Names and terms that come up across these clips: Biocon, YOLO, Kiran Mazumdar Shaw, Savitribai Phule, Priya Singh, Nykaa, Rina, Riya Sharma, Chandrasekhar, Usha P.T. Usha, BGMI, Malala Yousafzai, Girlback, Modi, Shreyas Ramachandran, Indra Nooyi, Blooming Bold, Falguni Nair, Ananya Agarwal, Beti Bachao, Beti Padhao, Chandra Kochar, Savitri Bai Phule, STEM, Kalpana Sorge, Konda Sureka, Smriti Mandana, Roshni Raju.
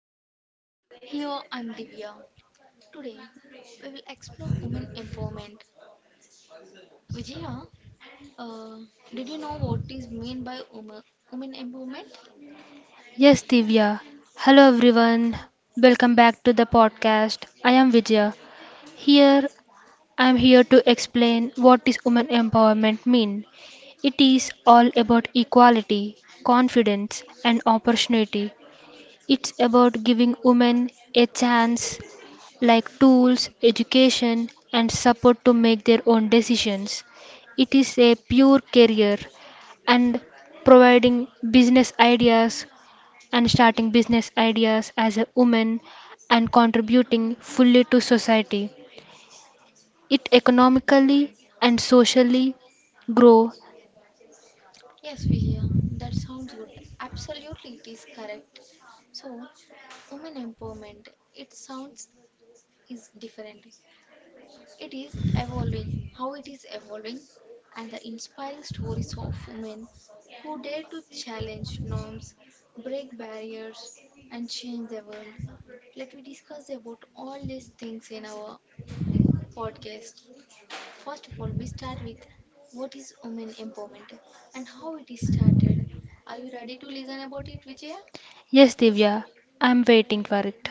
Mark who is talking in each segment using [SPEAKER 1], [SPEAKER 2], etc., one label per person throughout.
[SPEAKER 1] Bold. Here I'm Divya. Today we will explore women empowerment. Vijaya, uh, did you know what is meant by women empowerment?
[SPEAKER 2] Yes, Divya. Hello, everyone. Welcome back to the podcast. I am Vijaya. Here, I am here to explain what is women empowerment mean. It is all about equality, confidence, and opportunity. It's about giving women a chance, like tools, education, and support to make their own decisions. It is a pure career and providing business ideas, and starting business ideas as a woman and contributing fully to society. It economically and socially grow.
[SPEAKER 1] Yes, Vijaya, that sounds good. Absolutely, it is correct. So, women empowerment, it sounds is different. It is evolving, how it is evolving, and the inspiring stories of women who dare to challenge norms, break barriers, and change the world. Let me discuss about all these things in our podcast. First of all, we start with what is women empowerment and how it is started. Are you ready to listen about it, Vijaya?
[SPEAKER 2] Yes, Divya, I'm waiting for it.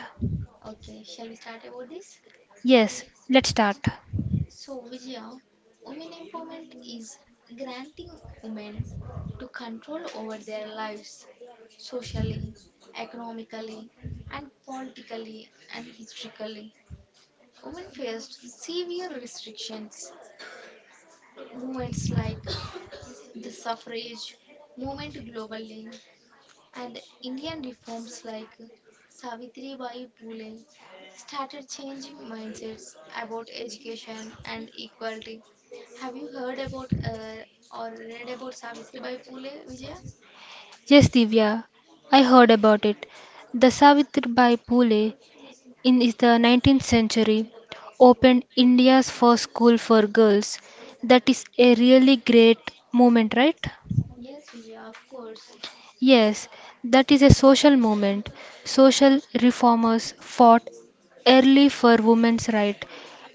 [SPEAKER 1] Okay, shall we start about this?
[SPEAKER 2] Yes, let's start.
[SPEAKER 1] So, Vijaya, women empowerment is granting women to control over their lives socially, economically, and politically and historically. Women faced severe restrictions. Movements like the suffrage movement globally and Indian reforms like Savitri Bai Phule started changing mindsets about education and equality. Have you heard about or read about Savitri Bai Phule, Vijaya?
[SPEAKER 2] Yes, Divya, I heard about it. The Savitribai Phule in is the 19th century opened India's first school for girls. That is a really great moment, right?
[SPEAKER 1] Yes, Vijaya, of course.
[SPEAKER 2] Yes, that is a social movement. Social reformers fought early for women's rights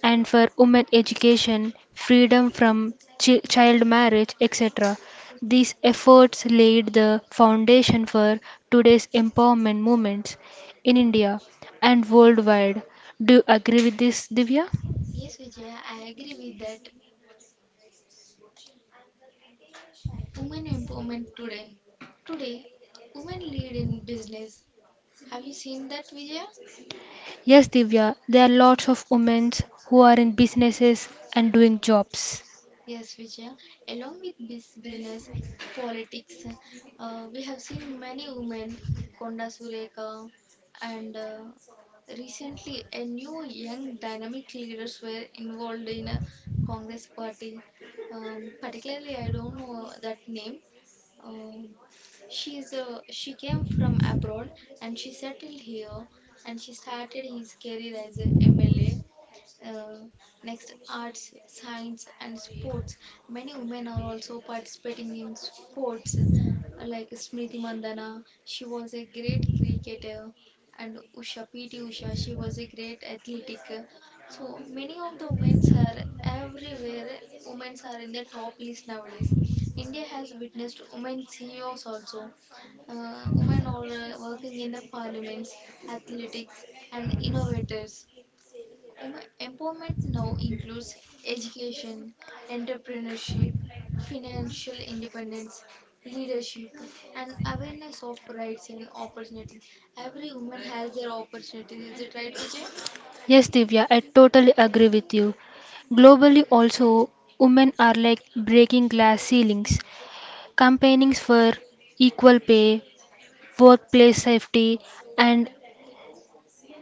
[SPEAKER 2] and for women education, freedom from child marriage, etc. These efforts laid the foundation for today's empowerment movements in India and worldwide. Do you agree with this, Divya?
[SPEAKER 1] Yes, Vijaya, I agree with that. Women empowerment today. Today, women lead in business. Have you seen that, Vijaya?
[SPEAKER 2] Yes, Divya, there are lots of women who are in businesses and doing jobs.
[SPEAKER 1] Yes, Vijaya. Along with business, politics, we have seen many women, Konda Sureka, and recently a new young dynamic leaders were involved in a Congress party. Particularly, I don't know that name. Um she's she came from abroad and she settled here and she started his career as a MLA uh, next, arts, science, and sports. Many women are also participating in sports like Smriti Mandana. She was a great cricketer, and Usha P.T. Usha. She was a great athletic. So many of the women are everywhere. Women are in the top list nowadays. India has witnessed women CEOs also women are working in the parliaments, athletics, and innovators. Empowerment now includes education, entrepreneurship, financial independence, leadership, and awareness of rights and opportunities. Every woman has their opportunity. Is it right, Vijay?
[SPEAKER 2] Yes, Divya, I totally agree with you. Globally, also, women are like breaking glass ceilings, campaigning for equal pay, workplace safety, and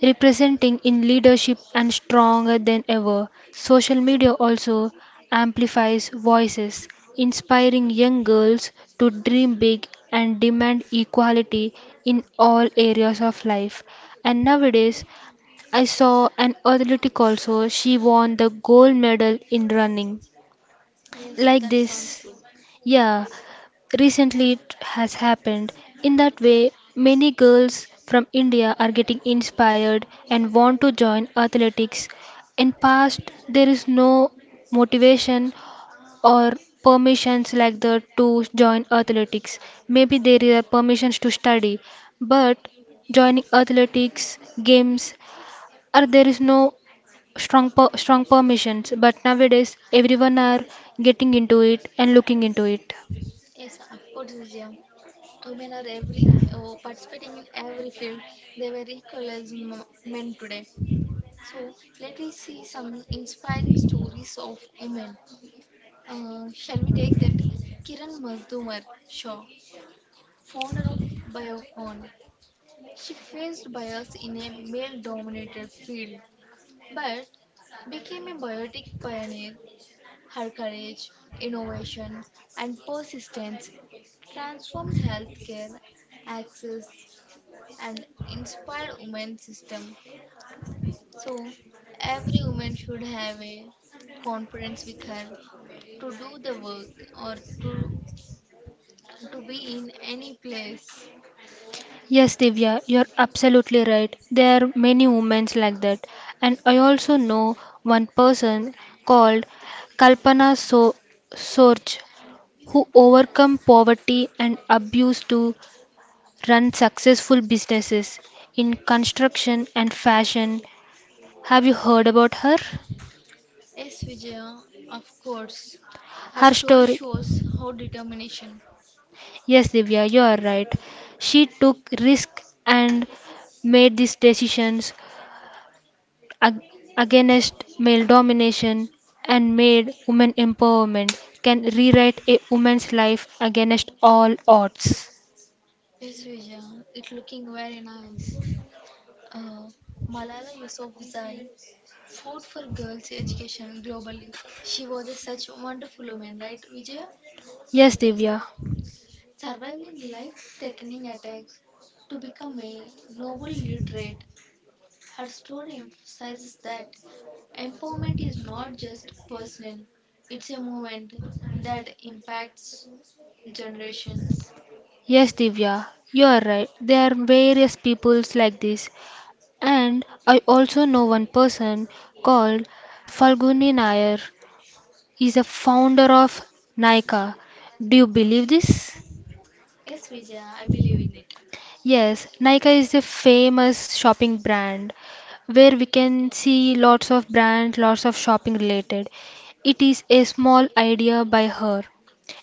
[SPEAKER 2] representing in leadership and stronger than ever. Social media also amplifies voices, inspiring young girls to dream big and demand equality in all areas of life. And nowadays, I saw an athletic also. She won the gold medal in running.
[SPEAKER 1] Yes,
[SPEAKER 2] Like
[SPEAKER 1] that
[SPEAKER 2] this.
[SPEAKER 1] sounds good.
[SPEAKER 2] Yeah, recently it has happened. In that way, many girls from India are getting inspired and want to join athletics. In past, there is no motivation or permissions like that to join athletics. Maybe there are permissions to study, but joining athletics, games, or there is no strong permissions, but nowadays everyone are getting into it and looking into it.
[SPEAKER 1] Yes, of course, Vijaya. Women are every participating in every field. They were equal as men today. So let me see some inspiring stories of women. Shall we take Kiran Mazumdar Shaw, founder of Biocon. She faced bias in a male dominated field but became a biotic pioneer. Her courage, innovation, and persistence transformed healthcare access and inspired women's system. So every woman should have a conference with her to do the work or to to be in any place.
[SPEAKER 2] Yes, Divya, you're absolutely right. There are many women like that, and I also know one person called Kalpana so sorge who overcome poverty and abuse to run successful businesses in construction and fashion. Have you heard about her
[SPEAKER 1] Yes, Vijaya, of course. Her
[SPEAKER 2] her
[SPEAKER 1] story
[SPEAKER 2] story
[SPEAKER 1] shows how determination.
[SPEAKER 2] Yes, Divya, you are right. She took risk and made these decisions ag- against male domination and made women empowerment can rewrite a woman's life against all odds.
[SPEAKER 1] Yes, Vijaya, it's looking very nice. Uh, Malala Yousafzai fought for girls' education globally. She was a such wonderful woman, right, Vijaya?
[SPEAKER 2] Yes, Divya.
[SPEAKER 1] Surviving life-threatening attacks to become a Nobel literate. Her story emphasizes that empowerment is not just personal; it's a movement that impacts generations.
[SPEAKER 2] Yes, Divya, you are right. There are various peoples like this. And I also know one person called Falguni Nair is a founder of Nykaa. Do you believe this?
[SPEAKER 1] Yes, Vijaya, I believe in it.
[SPEAKER 2] Yes, Nykaa is a famous shopping brand where we can see lots of brands, lots of shopping related. It is a small idea by her.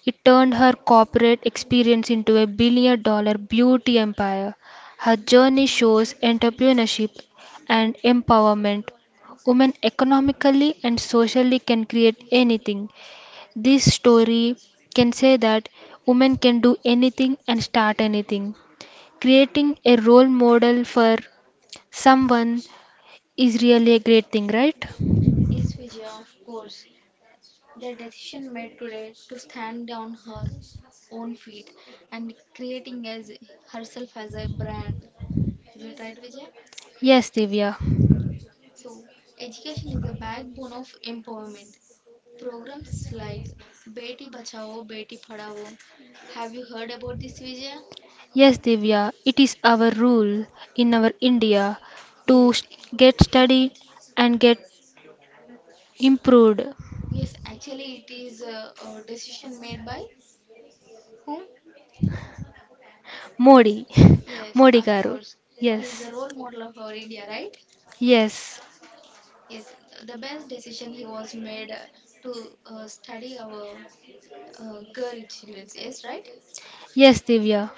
[SPEAKER 2] It turned her corporate experience into a billion-dollar beauty empire. Her journey shows entrepreneurship and empowerment. Women economically and socially can create anything. This story can say that women can do anything and start anything, creating a role model for someone is really a great thing, right?
[SPEAKER 1] Yes, Vijaya, of course. The decision made today to stand on her own feet and creating as herself as a brand. Is it right, Vijaya?
[SPEAKER 2] Yes, Divya.
[SPEAKER 1] So, education is a backbone of empowerment. Programs like Beti Bachao, Beti Padhao. Have you heard about this, Vijaya?
[SPEAKER 2] Yes, Divya. It is our rule in our India to
[SPEAKER 1] Yes.
[SPEAKER 2] get
[SPEAKER 1] Ac-
[SPEAKER 2] studied and get improved.
[SPEAKER 1] Yes, actually, it is a decision made by.
[SPEAKER 2] Modi. Modi Garu.
[SPEAKER 1] He is
[SPEAKER 2] Yes.
[SPEAKER 1] a role model of our India, right?
[SPEAKER 2] Yes.
[SPEAKER 1] Yes, the best decision he was made to study our girl children. Yes, right?
[SPEAKER 2] Yes, Divya.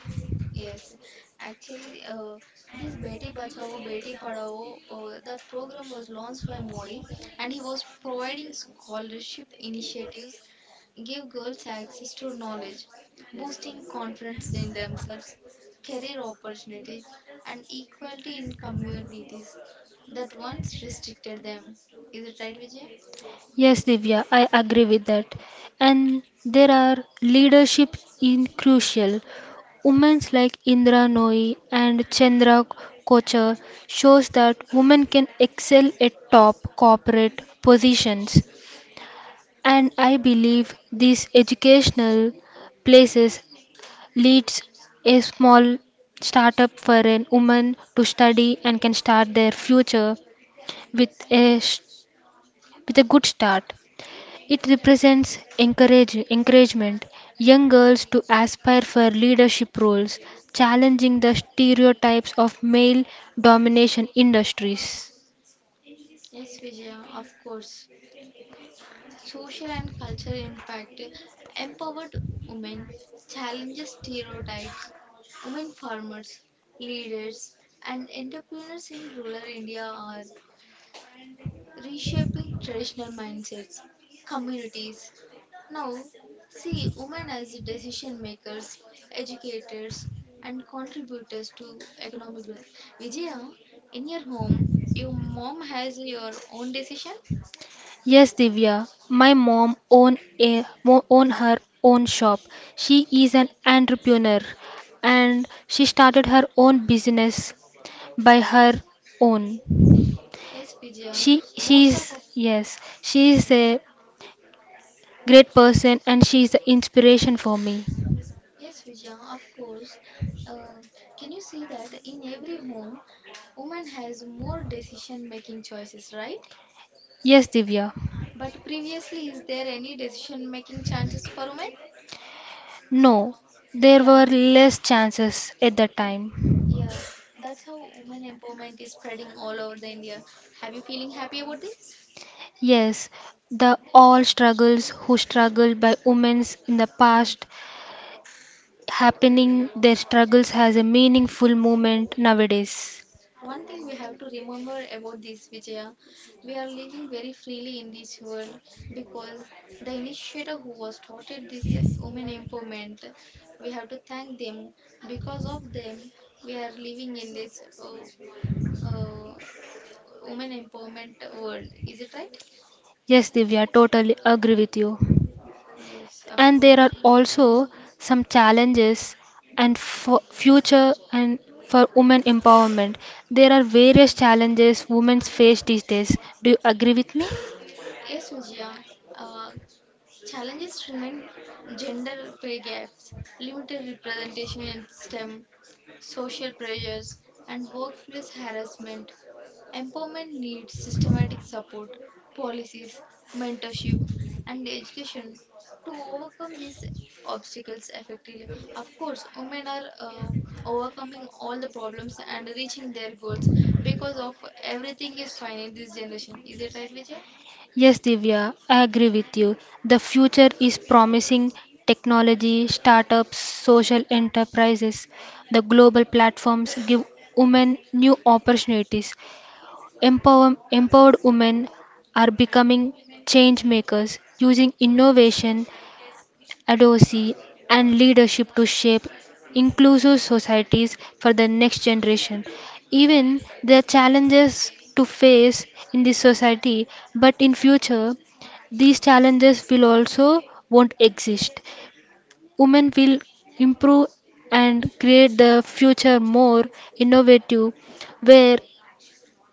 [SPEAKER 1] Yes. Actually, this Beti Bachao Beti Padhao, the program was launched by Modi, and he was providing scholarship initiatives, give girls access to knowledge, boosting confidence in themselves, career opportunities, and equality in communities that once restricted them. Is it right, Vijay?
[SPEAKER 2] Yes, Divya, I agree with that. And there are leadership in crucial. Women like Indra Nooyi and Chandra Kochar shows that women can excel at top corporate positions. And I believe these educational places leads a small startup for an woman to study and can start their future with a s- with a good start. It represents encouragement young girls to aspire for leadership roles, challenging the stereotypes of male domination industries.
[SPEAKER 1] Yes, Vijaya, of course. Social and cultural impact. Empowered women challenges stereotypes. Women farmers, leaders, and entrepreneurs in rural India are reshaping traditional mindsets, communities. Now, see women as decision makers, educators, and contributors to economic growth. Vijaya, in your home, your mom has your own decision?
[SPEAKER 2] Yes, Divya, my mom own her own shop. She is an entrepreneur and she started her own business by her own.
[SPEAKER 1] Yes, Vijaya.
[SPEAKER 2] She is. Yes, she is a great person and she is the inspiration for me.
[SPEAKER 1] Yes, Vijaya, of course. Uh, can you see that in every home, woman has more decision-making choices, right?
[SPEAKER 2] Yes, Divya.
[SPEAKER 1] But previously, is there any decision-making chances for women?
[SPEAKER 2] No, there
[SPEAKER 1] Yeah,
[SPEAKER 2] were less chances at that time.
[SPEAKER 1] yeah. That's how women empowerment is spreading all over. Have you feeling happy about this?
[SPEAKER 2] Yes, the all struggles who struggled by women's in the past happening their struggles has a meaningful movement nowadays.
[SPEAKER 1] One thing we have to remember about this, Vijaya, we are living very freely in this world because the initiator who was started this women empowerment, we have to thank them. Because of them, we are living in this uh, women empowerment world. Is it right?
[SPEAKER 2] Yes, Divya, totally agree with you.
[SPEAKER 1] Yes, of
[SPEAKER 2] And
[SPEAKER 1] course.
[SPEAKER 2] there are also some challenges and for future and for women empowerment. There are various challenges women face these days. Do you agree with me?
[SPEAKER 1] Yes, Vijaya. Uh, Challenges remain gender pay gaps, limited representation in STEM, social pressures, and workplace harassment. Empowerment needs systematic support, policies, mentorship, and education to overcome these obstacles effectively. Of course, women are overcoming all the problems and reaching their goals because of everything is fine in this generation. Is it right, Vijay?
[SPEAKER 2] Yes, Divya, I agree with you. The future is promising technology, startups, social enterprises, the global platforms give women new opportunities. Empowered women are becoming change makers using innovation, advocacy, and leadership to shape inclusive societies for the next generation. Even the challenges to face in this society, but in future, these challenges will also won't exist. Women will improve and create the future more innovative, where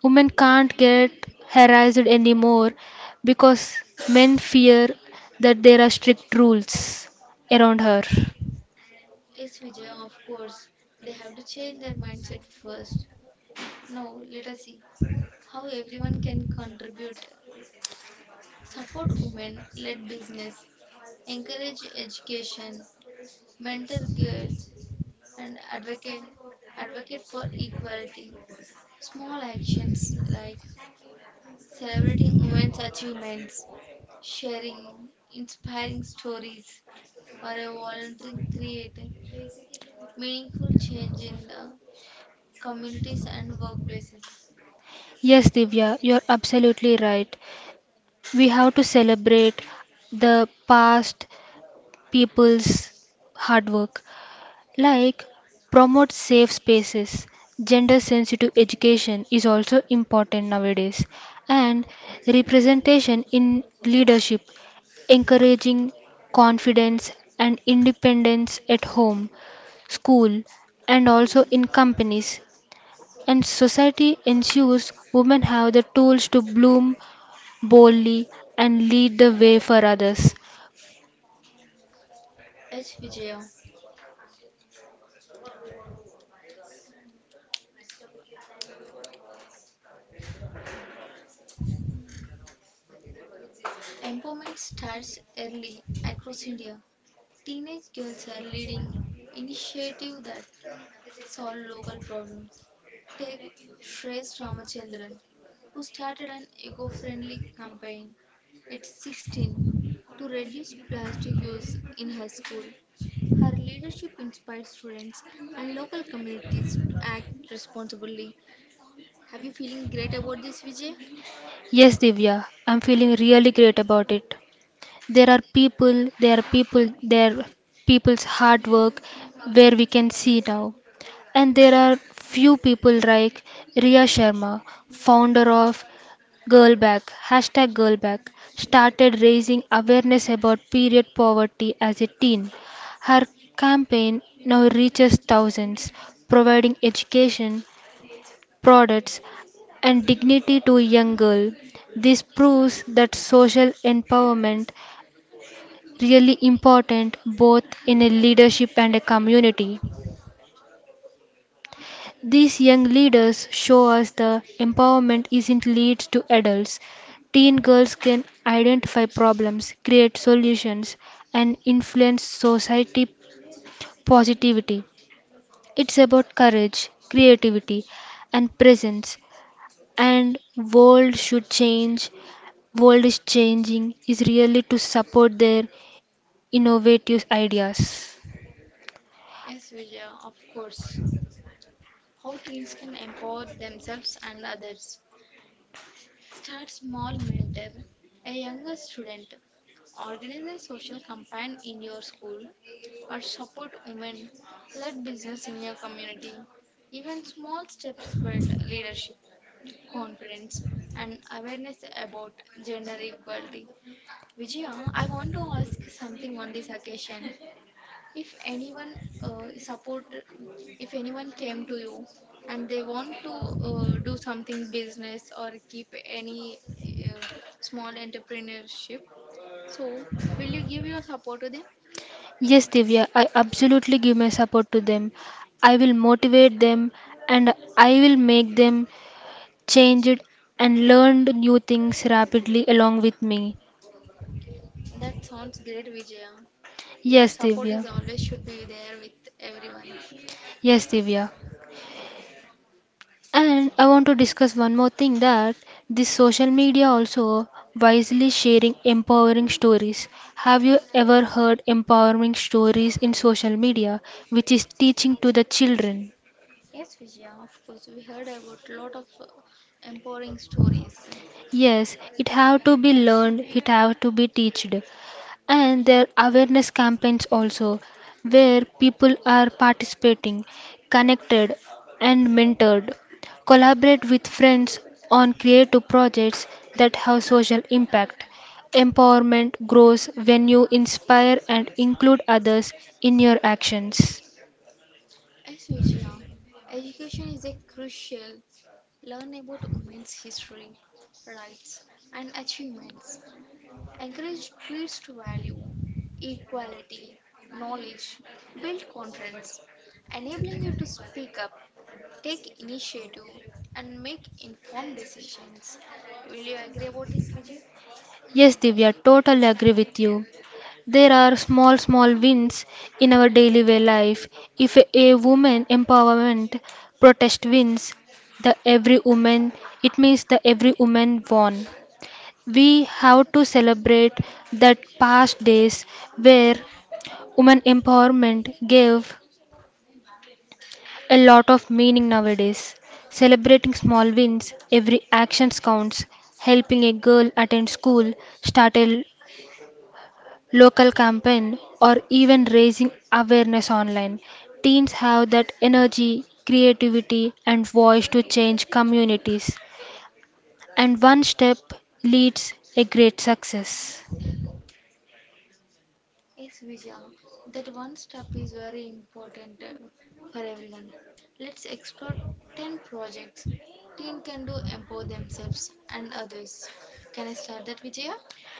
[SPEAKER 2] women can't get harassed anymore because men fear that there are strict rules around her.
[SPEAKER 1] Yes, Vijay, of course. They have to change their mindset first. Now, let us see how everyone can contribute. Support women led business, encourage education, mentor girls, and advocate for equality. Small actions like celebrating women's achievements, sharing inspiring stories, or a volunteering create meaningful change in the communities and workplaces.
[SPEAKER 2] Yes, Divya, you're absolutely right. We have to celebrate the past people's hard work, like promote safe spaces. Gender sensitive education is also important nowadays, and representation in leadership encouraging confidence and independence at home, school, and also in companies. And society ensures women have the tools to bloom boldly and lead the way for others.
[SPEAKER 1] H. Vijaya. Empowerment starts early across India. Teenage girls are leading initiatives that solve local problems. Take Shreyas Ramachandran, who started an eco-friendly campaign at 16 to reduce plastic use in her school. Her leadership inspires students and local communities to act responsibly. Have you feeling great about this, Vijay?
[SPEAKER 2] Yes, Divya, I'm feeling really great about it. There are people's hard work where we can see now, and there are few people like Riya Sharma, founder of Girlback, hashtag Girlback, started raising awareness about period poverty as a teen. Her campaign now reaches thousands, providing education, products, and dignity to a young girl. This proves that social empowerment really important both in a leadership and a community. These young leaders show us the empowerment isn't limited to adults. Teen girls can identify problems, create solutions, and influence society positivity. It's about courage, creativity, and presence. And
[SPEAKER 1] Yes,
[SPEAKER 2] world
[SPEAKER 1] Vijaya,
[SPEAKER 2] should
[SPEAKER 1] of course.
[SPEAKER 2] change. World
[SPEAKER 1] How
[SPEAKER 2] is
[SPEAKER 1] teens can
[SPEAKER 2] changing
[SPEAKER 1] empower
[SPEAKER 2] is
[SPEAKER 1] themselves
[SPEAKER 2] really
[SPEAKER 1] and
[SPEAKER 2] to
[SPEAKER 1] others.
[SPEAKER 2] support their
[SPEAKER 1] Start small
[SPEAKER 2] innovative
[SPEAKER 1] mentor. A
[SPEAKER 2] ideas.
[SPEAKER 1] younger student organize a social campaign in your school or support women led business in your community. Even small steps build leadership, confidence, and awareness about gender equality. Vijaya, I want to ask something on this occasion. If anyone support, if anyone came to you and they want to do something business or keep any uh, small entrepreneurship, so will you give your support to them? That sounds great, Vijaya. Your support is always should be there with everyone.
[SPEAKER 2] Yes, Divya, I absolutely give my support to them. I will motivate them and I will make them change it and learn new things
[SPEAKER 1] Yes,
[SPEAKER 2] rapidly
[SPEAKER 1] Vijaya, of
[SPEAKER 2] along with
[SPEAKER 1] course. We heard
[SPEAKER 2] me.
[SPEAKER 1] about lot of empowering stories.
[SPEAKER 2] Yes, Divya. Yes, Divya. And I want to discuss one more thing that this social media also wisely sharing empowering stories. Have you ever heard empowering stories in social media, which is teaching
[SPEAKER 1] Yes,
[SPEAKER 2] to the
[SPEAKER 1] Vijaya.
[SPEAKER 2] children?
[SPEAKER 1] Education is a crucial learn about women's history, rights, and achievements,
[SPEAKER 2] Yes, it
[SPEAKER 1] encourage
[SPEAKER 2] have to
[SPEAKER 1] peers to
[SPEAKER 2] be
[SPEAKER 1] value
[SPEAKER 2] learned, it have to be
[SPEAKER 1] equality,
[SPEAKER 2] teached.
[SPEAKER 1] knowledge, build
[SPEAKER 2] And there are
[SPEAKER 1] confidence,
[SPEAKER 2] awareness campaigns
[SPEAKER 1] enabling you to
[SPEAKER 2] also
[SPEAKER 1] speak up,
[SPEAKER 2] where
[SPEAKER 1] take
[SPEAKER 2] people
[SPEAKER 1] initiative,
[SPEAKER 2] are
[SPEAKER 1] and make
[SPEAKER 2] participating,
[SPEAKER 1] informed decisions.
[SPEAKER 2] connected
[SPEAKER 1] Will you agree
[SPEAKER 2] and
[SPEAKER 1] about this, Vijay?
[SPEAKER 2] mentored. Collaborate with friends on creative projects that have social impact. Empowerment grows when you inspire and include others in your actions. Yes, Divya, totally agree with you. There are
[SPEAKER 1] Yes,
[SPEAKER 2] small small
[SPEAKER 1] Vijaya, that
[SPEAKER 2] wins
[SPEAKER 1] one step
[SPEAKER 2] in our
[SPEAKER 1] is very
[SPEAKER 2] daily way
[SPEAKER 1] important
[SPEAKER 2] life. If
[SPEAKER 1] for
[SPEAKER 2] a
[SPEAKER 1] everyone.
[SPEAKER 2] woman
[SPEAKER 1] Let's explore
[SPEAKER 2] empowerment
[SPEAKER 1] 10 projects
[SPEAKER 2] protest
[SPEAKER 1] teen
[SPEAKER 2] wins,
[SPEAKER 1] can do empower
[SPEAKER 2] the every
[SPEAKER 1] themselves and
[SPEAKER 2] woman
[SPEAKER 1] others.
[SPEAKER 2] it means
[SPEAKER 1] Can I
[SPEAKER 2] the
[SPEAKER 1] start that,
[SPEAKER 2] every
[SPEAKER 1] Vijaya?
[SPEAKER 2] woman won. We have to
[SPEAKER 1] Yes, these
[SPEAKER 2] celebrate
[SPEAKER 1] 10 steps are
[SPEAKER 2] that
[SPEAKER 1] very
[SPEAKER 2] past
[SPEAKER 1] important to
[SPEAKER 2] days
[SPEAKER 1] every
[SPEAKER 2] where
[SPEAKER 1] woman.
[SPEAKER 2] women
[SPEAKER 1] Step
[SPEAKER 2] empowerment
[SPEAKER 1] 1,
[SPEAKER 2] gave
[SPEAKER 1] start a mentorship circle in your
[SPEAKER 2] a lot
[SPEAKER 1] school,
[SPEAKER 2] of meaning nowadays.
[SPEAKER 1] helping younger students
[SPEAKER 2] Celebrating
[SPEAKER 1] with
[SPEAKER 2] small wins,
[SPEAKER 1] studies or
[SPEAKER 2] every
[SPEAKER 1] life
[SPEAKER 2] action
[SPEAKER 1] skills.
[SPEAKER 2] counts.
[SPEAKER 1] Simple,
[SPEAKER 2] Helping a girl attend
[SPEAKER 1] impactful,
[SPEAKER 2] school,
[SPEAKER 1] and
[SPEAKER 2] start a
[SPEAKER 1] build leadership. Does it is useful,
[SPEAKER 2] local
[SPEAKER 1] Vijaya?
[SPEAKER 2] campaign or even raising awareness online. Teens have that energy, creativity and voice to change communities and one step leads a great success.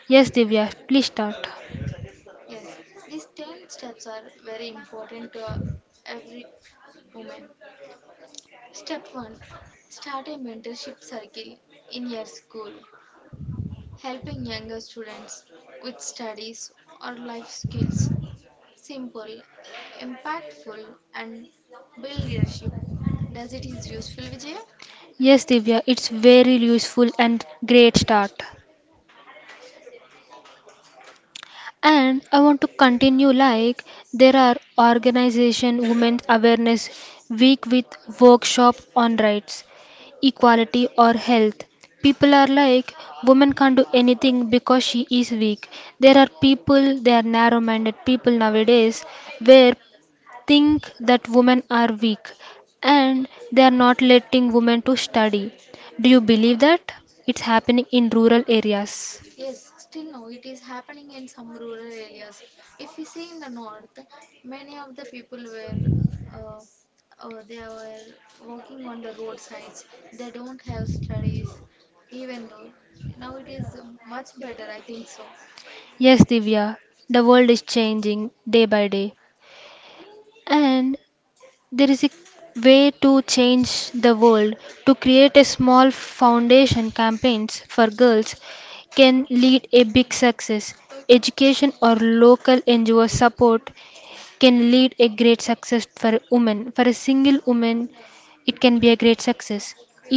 [SPEAKER 2] Yes,
[SPEAKER 1] Yes,
[SPEAKER 2] Divya, please
[SPEAKER 1] still no,
[SPEAKER 2] start.
[SPEAKER 1] it is happening in some rural areas. If we see in the north, many of the people were uh, they were working on the roadsides. They don't have studies, even though now it is much better. I think so.
[SPEAKER 2] Yes, Divya, it's very useful and great start. And I want to continue like there are organization women's awareness week with workshop on rights, equality or health. People are like women can't do anything because she is weak. There are people, they are narrow minded people nowadays where think that women are weak and they are not letting women to study. Do you believe that? It's happening in rural areas. Yes, Divya, the world is changing day by day, and there is a way to change the world. To create a small foundation campaigns for girls can lead a big success.
[SPEAKER 1] Yes, Vijaya,
[SPEAKER 2] Education
[SPEAKER 1] of
[SPEAKER 2] or
[SPEAKER 1] course,
[SPEAKER 2] local
[SPEAKER 1] I have
[SPEAKER 2] NGO
[SPEAKER 1] agree with
[SPEAKER 2] support
[SPEAKER 1] that.
[SPEAKER 2] can lead a great success for
[SPEAKER 1] Next
[SPEAKER 2] women.
[SPEAKER 1] step.
[SPEAKER 2] For a single woman, it can be a great success.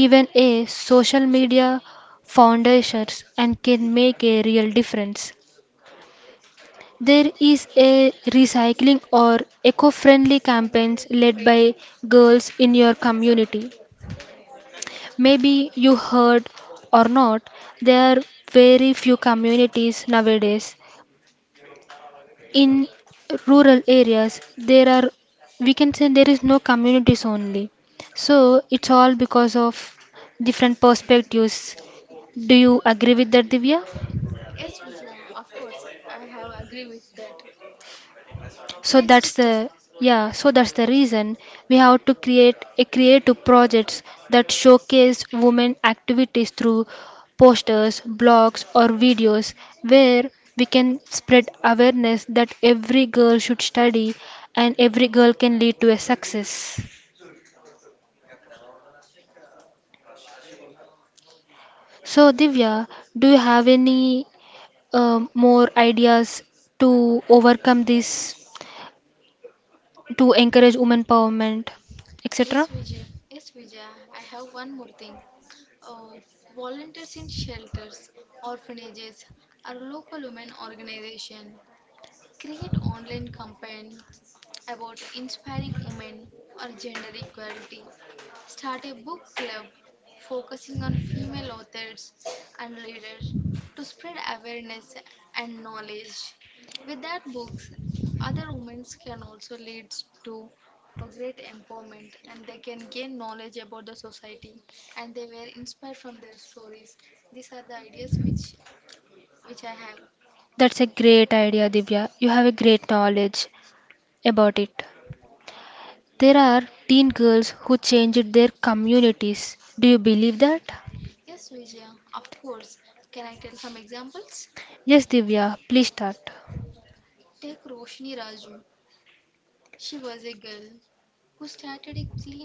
[SPEAKER 2] Even a social media foundations and can make a real difference. There is a recycling or eco-friendly campaigns led by girls in your community. Maybe you heard or not, there are very few communities nowadays. In rural areas, there are we can say there is no communities only. So it's all because of different perspectives. Do you agree with that, Divya?
[SPEAKER 1] Yes, Vijaya. Yes, Vijaya. I have one
[SPEAKER 2] So
[SPEAKER 1] more
[SPEAKER 2] that's
[SPEAKER 1] thing.
[SPEAKER 2] the yeah, so
[SPEAKER 1] Uh,
[SPEAKER 2] that's the reason
[SPEAKER 1] volunteers
[SPEAKER 2] we
[SPEAKER 1] in
[SPEAKER 2] have to create
[SPEAKER 1] shelters,
[SPEAKER 2] a creative projects
[SPEAKER 1] orphanages,
[SPEAKER 2] that
[SPEAKER 1] or
[SPEAKER 2] showcase
[SPEAKER 1] local
[SPEAKER 2] women
[SPEAKER 1] women
[SPEAKER 2] activities through
[SPEAKER 1] organization
[SPEAKER 2] posters,
[SPEAKER 1] create
[SPEAKER 2] blogs or
[SPEAKER 1] online
[SPEAKER 2] videos
[SPEAKER 1] campaigns
[SPEAKER 2] where we can
[SPEAKER 1] about
[SPEAKER 2] spread
[SPEAKER 1] inspiring
[SPEAKER 2] awareness that
[SPEAKER 1] women
[SPEAKER 2] every
[SPEAKER 1] or
[SPEAKER 2] girl should
[SPEAKER 1] gender
[SPEAKER 2] study
[SPEAKER 1] equality,
[SPEAKER 2] and every girl can
[SPEAKER 1] start
[SPEAKER 2] lead to
[SPEAKER 1] a
[SPEAKER 2] a
[SPEAKER 1] book club
[SPEAKER 2] success.
[SPEAKER 1] focusing on female authors and leaders to spread
[SPEAKER 2] So Divya,
[SPEAKER 1] awareness
[SPEAKER 2] do you have
[SPEAKER 1] and
[SPEAKER 2] any
[SPEAKER 1] knowledge. With
[SPEAKER 2] more
[SPEAKER 1] that books,
[SPEAKER 2] ideas to
[SPEAKER 1] other women
[SPEAKER 2] overcome this?
[SPEAKER 1] can also lead to
[SPEAKER 2] To
[SPEAKER 1] a
[SPEAKER 2] encourage
[SPEAKER 1] great
[SPEAKER 2] women empowerment,
[SPEAKER 1] empowerment and they can
[SPEAKER 2] etc. Yes, et
[SPEAKER 1] gain
[SPEAKER 2] cetera.
[SPEAKER 1] knowledge about the society and they were inspired from their stories. These are the ideas which I have. Yes, Vijaya, of course. Can I tell some examples? Take Roshni Raju. She was a girl who started a clean water initiative in her
[SPEAKER 2] That's a
[SPEAKER 1] village
[SPEAKER 2] great idea, Divya.
[SPEAKER 1] at
[SPEAKER 2] You have a
[SPEAKER 1] age
[SPEAKER 2] great
[SPEAKER 1] 16.
[SPEAKER 2] knowledge
[SPEAKER 1] By
[SPEAKER 2] about it.
[SPEAKER 1] involving friends,
[SPEAKER 2] There are
[SPEAKER 1] she
[SPEAKER 2] teen girls who
[SPEAKER 1] educated
[SPEAKER 2] changed their
[SPEAKER 1] women
[SPEAKER 2] communities.
[SPEAKER 1] about
[SPEAKER 2] Do you believe
[SPEAKER 1] hygiene
[SPEAKER 2] that?
[SPEAKER 1] and sanitization, impacting hundreds of
[SPEAKER 2] Yes, Divya,
[SPEAKER 1] families
[SPEAKER 2] please start.
[SPEAKER 1] positively. She was explaining each and every woman, every girl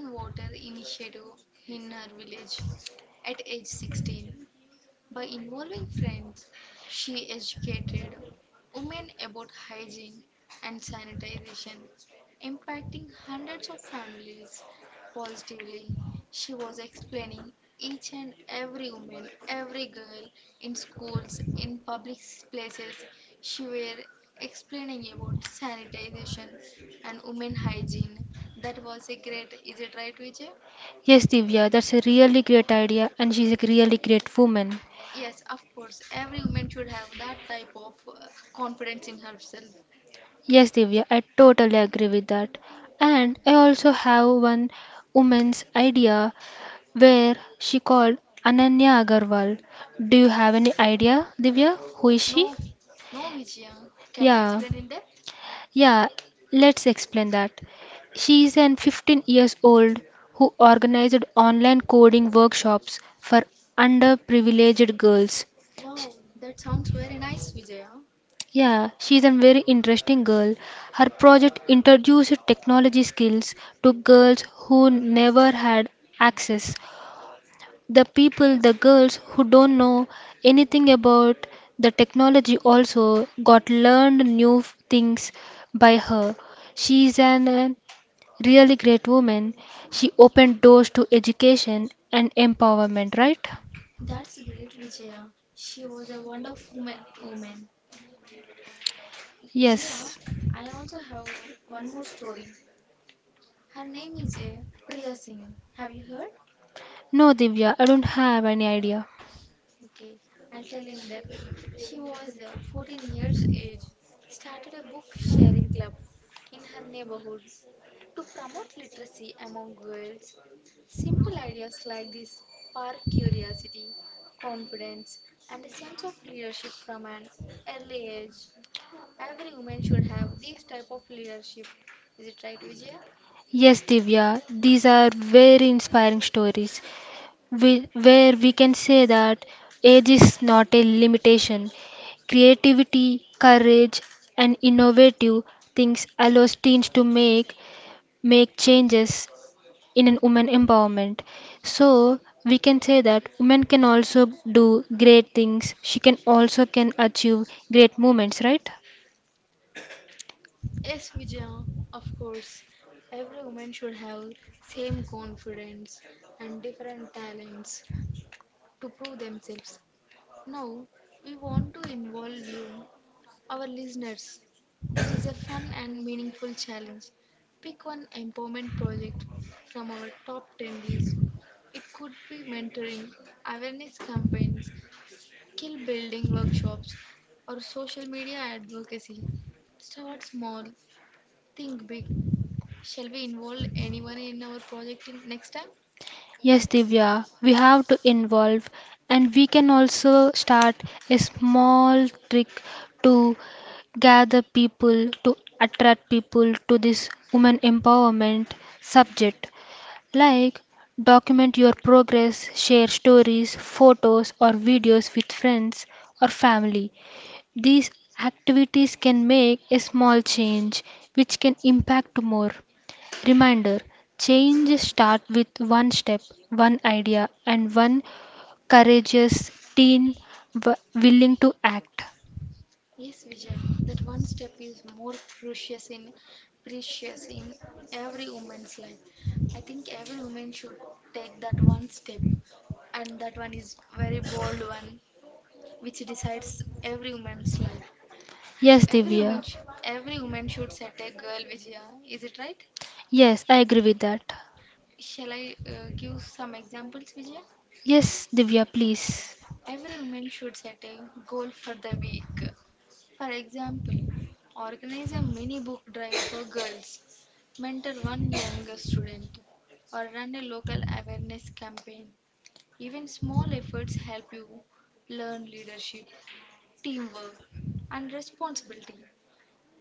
[SPEAKER 1] in schools, in public places. She were explaining about sanitization and women hygiene. That was a great. Is it right, Vijay? Yes, of course. Every woman should have that type of confidence in herself.
[SPEAKER 2] Yes, Divya, that's a really great idea, and she's a really great woman.
[SPEAKER 1] No, no, Vijaya.
[SPEAKER 2] Yes,
[SPEAKER 1] Can
[SPEAKER 2] Divya,
[SPEAKER 1] you
[SPEAKER 2] I
[SPEAKER 1] explain in
[SPEAKER 2] totally
[SPEAKER 1] depth?
[SPEAKER 2] agree with that. And I also have one woman's idea where she called Ananya Agarwal. Do you have any idea, Divya? Who is she? Yeah.
[SPEAKER 1] Wow, that sounds
[SPEAKER 2] Yeah,
[SPEAKER 1] very nice,
[SPEAKER 2] let's explain
[SPEAKER 1] Vijaya.
[SPEAKER 2] that. She is an 15 years old who organized online coding workshops for underprivileged girls. Yeah, she is a very interesting girl. Her project introduced technology skills to girls who never had access. The people, the girls who don't know anything about the technology also got learned things by her. She is an really great
[SPEAKER 1] That's great,
[SPEAKER 2] woman. She
[SPEAKER 1] Vijaya.
[SPEAKER 2] opened
[SPEAKER 1] She
[SPEAKER 2] doors to
[SPEAKER 1] was a
[SPEAKER 2] education
[SPEAKER 1] wonderful woman.
[SPEAKER 2] and
[SPEAKER 1] woman.
[SPEAKER 2] empowerment, right?
[SPEAKER 1] Vijaya, I also have one more story.
[SPEAKER 2] Yes.
[SPEAKER 1] Her name is Priya Singh. Have you heard?
[SPEAKER 2] No, Divya, I don't
[SPEAKER 1] Okay,
[SPEAKER 2] have any
[SPEAKER 1] I'll tell
[SPEAKER 2] idea.
[SPEAKER 1] in depth. She was 14 years age, started a book sharing club in her neighborhood to promote literacy among girls. Simple ideas like this spark curiosity, confidence, and a sense of leadership from an early age. Every woman should have this type of leadership. Is it right, Vijaya?
[SPEAKER 2] Yes, Divya, these are very inspiring stories, where we can say that age is not a limitation. Creativity, courage, and innovative things allows teens to make changes in an woman empowerment. So we can say that women can also do great things. She can also can achieve great moments, right?
[SPEAKER 1] Yes, Vijaya, of course. Every woman should have same confidence and different talents to prove themselves. Now, we want to involve you, our listeners. It is a fun and meaningful challenge. Pick one empowerment project from our top 10 list. It could be mentoring, awareness campaigns, skill building workshops, or social media advocacy. Start small, think big. Shall we involve anyone in our project in next time?
[SPEAKER 2] Yes, Divya, we have to involve, and we can also start a small trick to gather people, to attract people to this women empowerment subject. Like, document your progress, share stories, photos, or videos with friends or family. These activities can make a small change, which can impact more. Reminder change starts with one step, one idea, and one courageous teen willing to act.
[SPEAKER 1] Yes, Vijaya, that one step is more precious in precious in every woman's life. I think every woman should take that one step and that one is very bold one which decides every woman's life,
[SPEAKER 2] Yes, Every
[SPEAKER 1] every woman,
[SPEAKER 2] Divya.
[SPEAKER 1] every woman should set a girl, Vijaya, is it right?
[SPEAKER 2] Yes, I agree with that.
[SPEAKER 1] Shall I give some examples, Vijaya?
[SPEAKER 2] Yes, Divya, please.
[SPEAKER 1] Every woman should set a goal for the week. For example, organize a mini book drive for girls, mentor one younger student, or run a local awareness campaign. Even small efforts help you learn leadership, teamwork, and responsibility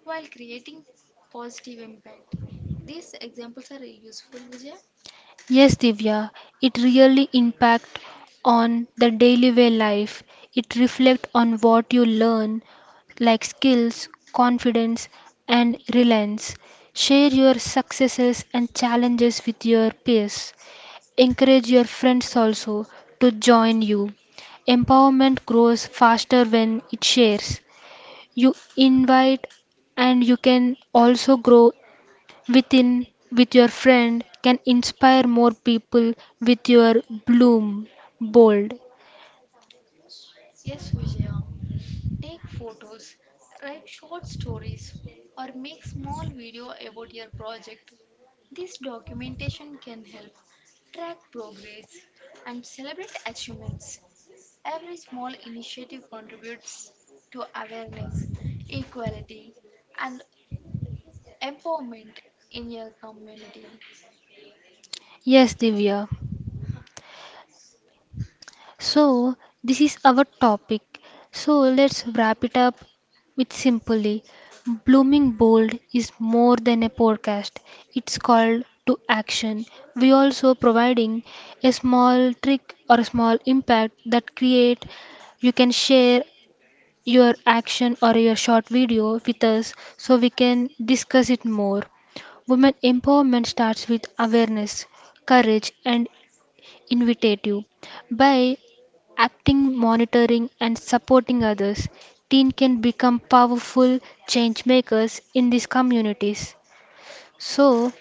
[SPEAKER 1] while creating positive impact. These examples are useful, Vijay.
[SPEAKER 2] Yes, Divya, it really impact on the daily way life. It reflect on what you learn, like skills, confidence, and reliance. Share your successes and challenges with your peers. Encourage your friends also to join you. Empowerment grows faster when it shares. You invite and you can also grow within with your friend can inspire more people with your bloom bold.
[SPEAKER 1] Yes, Vijaya. Take photos, write short stories, or make small video about your project. This documentation can help track progress and celebrate achievements. Every small initiative contributes to awareness, equality, and empowerment in your community.
[SPEAKER 2] Yes, Divya. So this is our topic. So let's wrap it up with simply Blooming Bold is more than a podcast. It's called to action. We also providing a small trick or a small impact that create you can share your action or your short video with us so we can discuss it more. Women empowerment starts with awareness, courage, and initiative. By acting, monitoring, and supporting others, teen can become powerful change makers in these communities. So,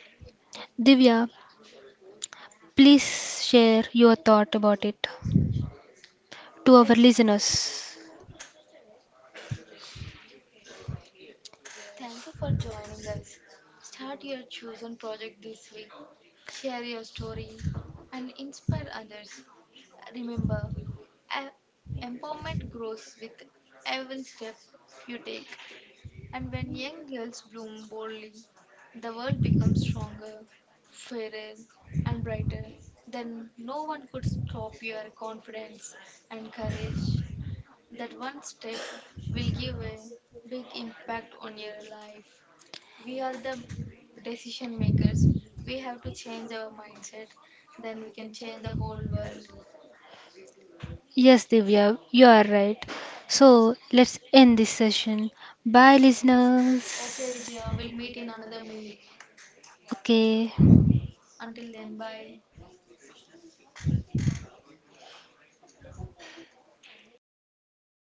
[SPEAKER 2] Divya, please share your thought about it to our
[SPEAKER 1] Yes.
[SPEAKER 2] listeners.
[SPEAKER 1] Thank you for joining us. Start your chosen project this week. Share your story and inspire others. Remember, e- empowerment grows with every step you take. And when young girls bloom boldly, the world becomes stronger, fairer, and brighter. Then no one could stop your confidence and courage. That one step will give a big impact on your life. We are the decision makers. We have to change our mindset. Then we can change the whole world.
[SPEAKER 2] Yes, Divya, you are right. So let's end this session. Bye,
[SPEAKER 1] Okay,
[SPEAKER 2] listeners.
[SPEAKER 1] Vijaya, we'll meet in another meet.
[SPEAKER 2] Okay.
[SPEAKER 1] Until then, bye.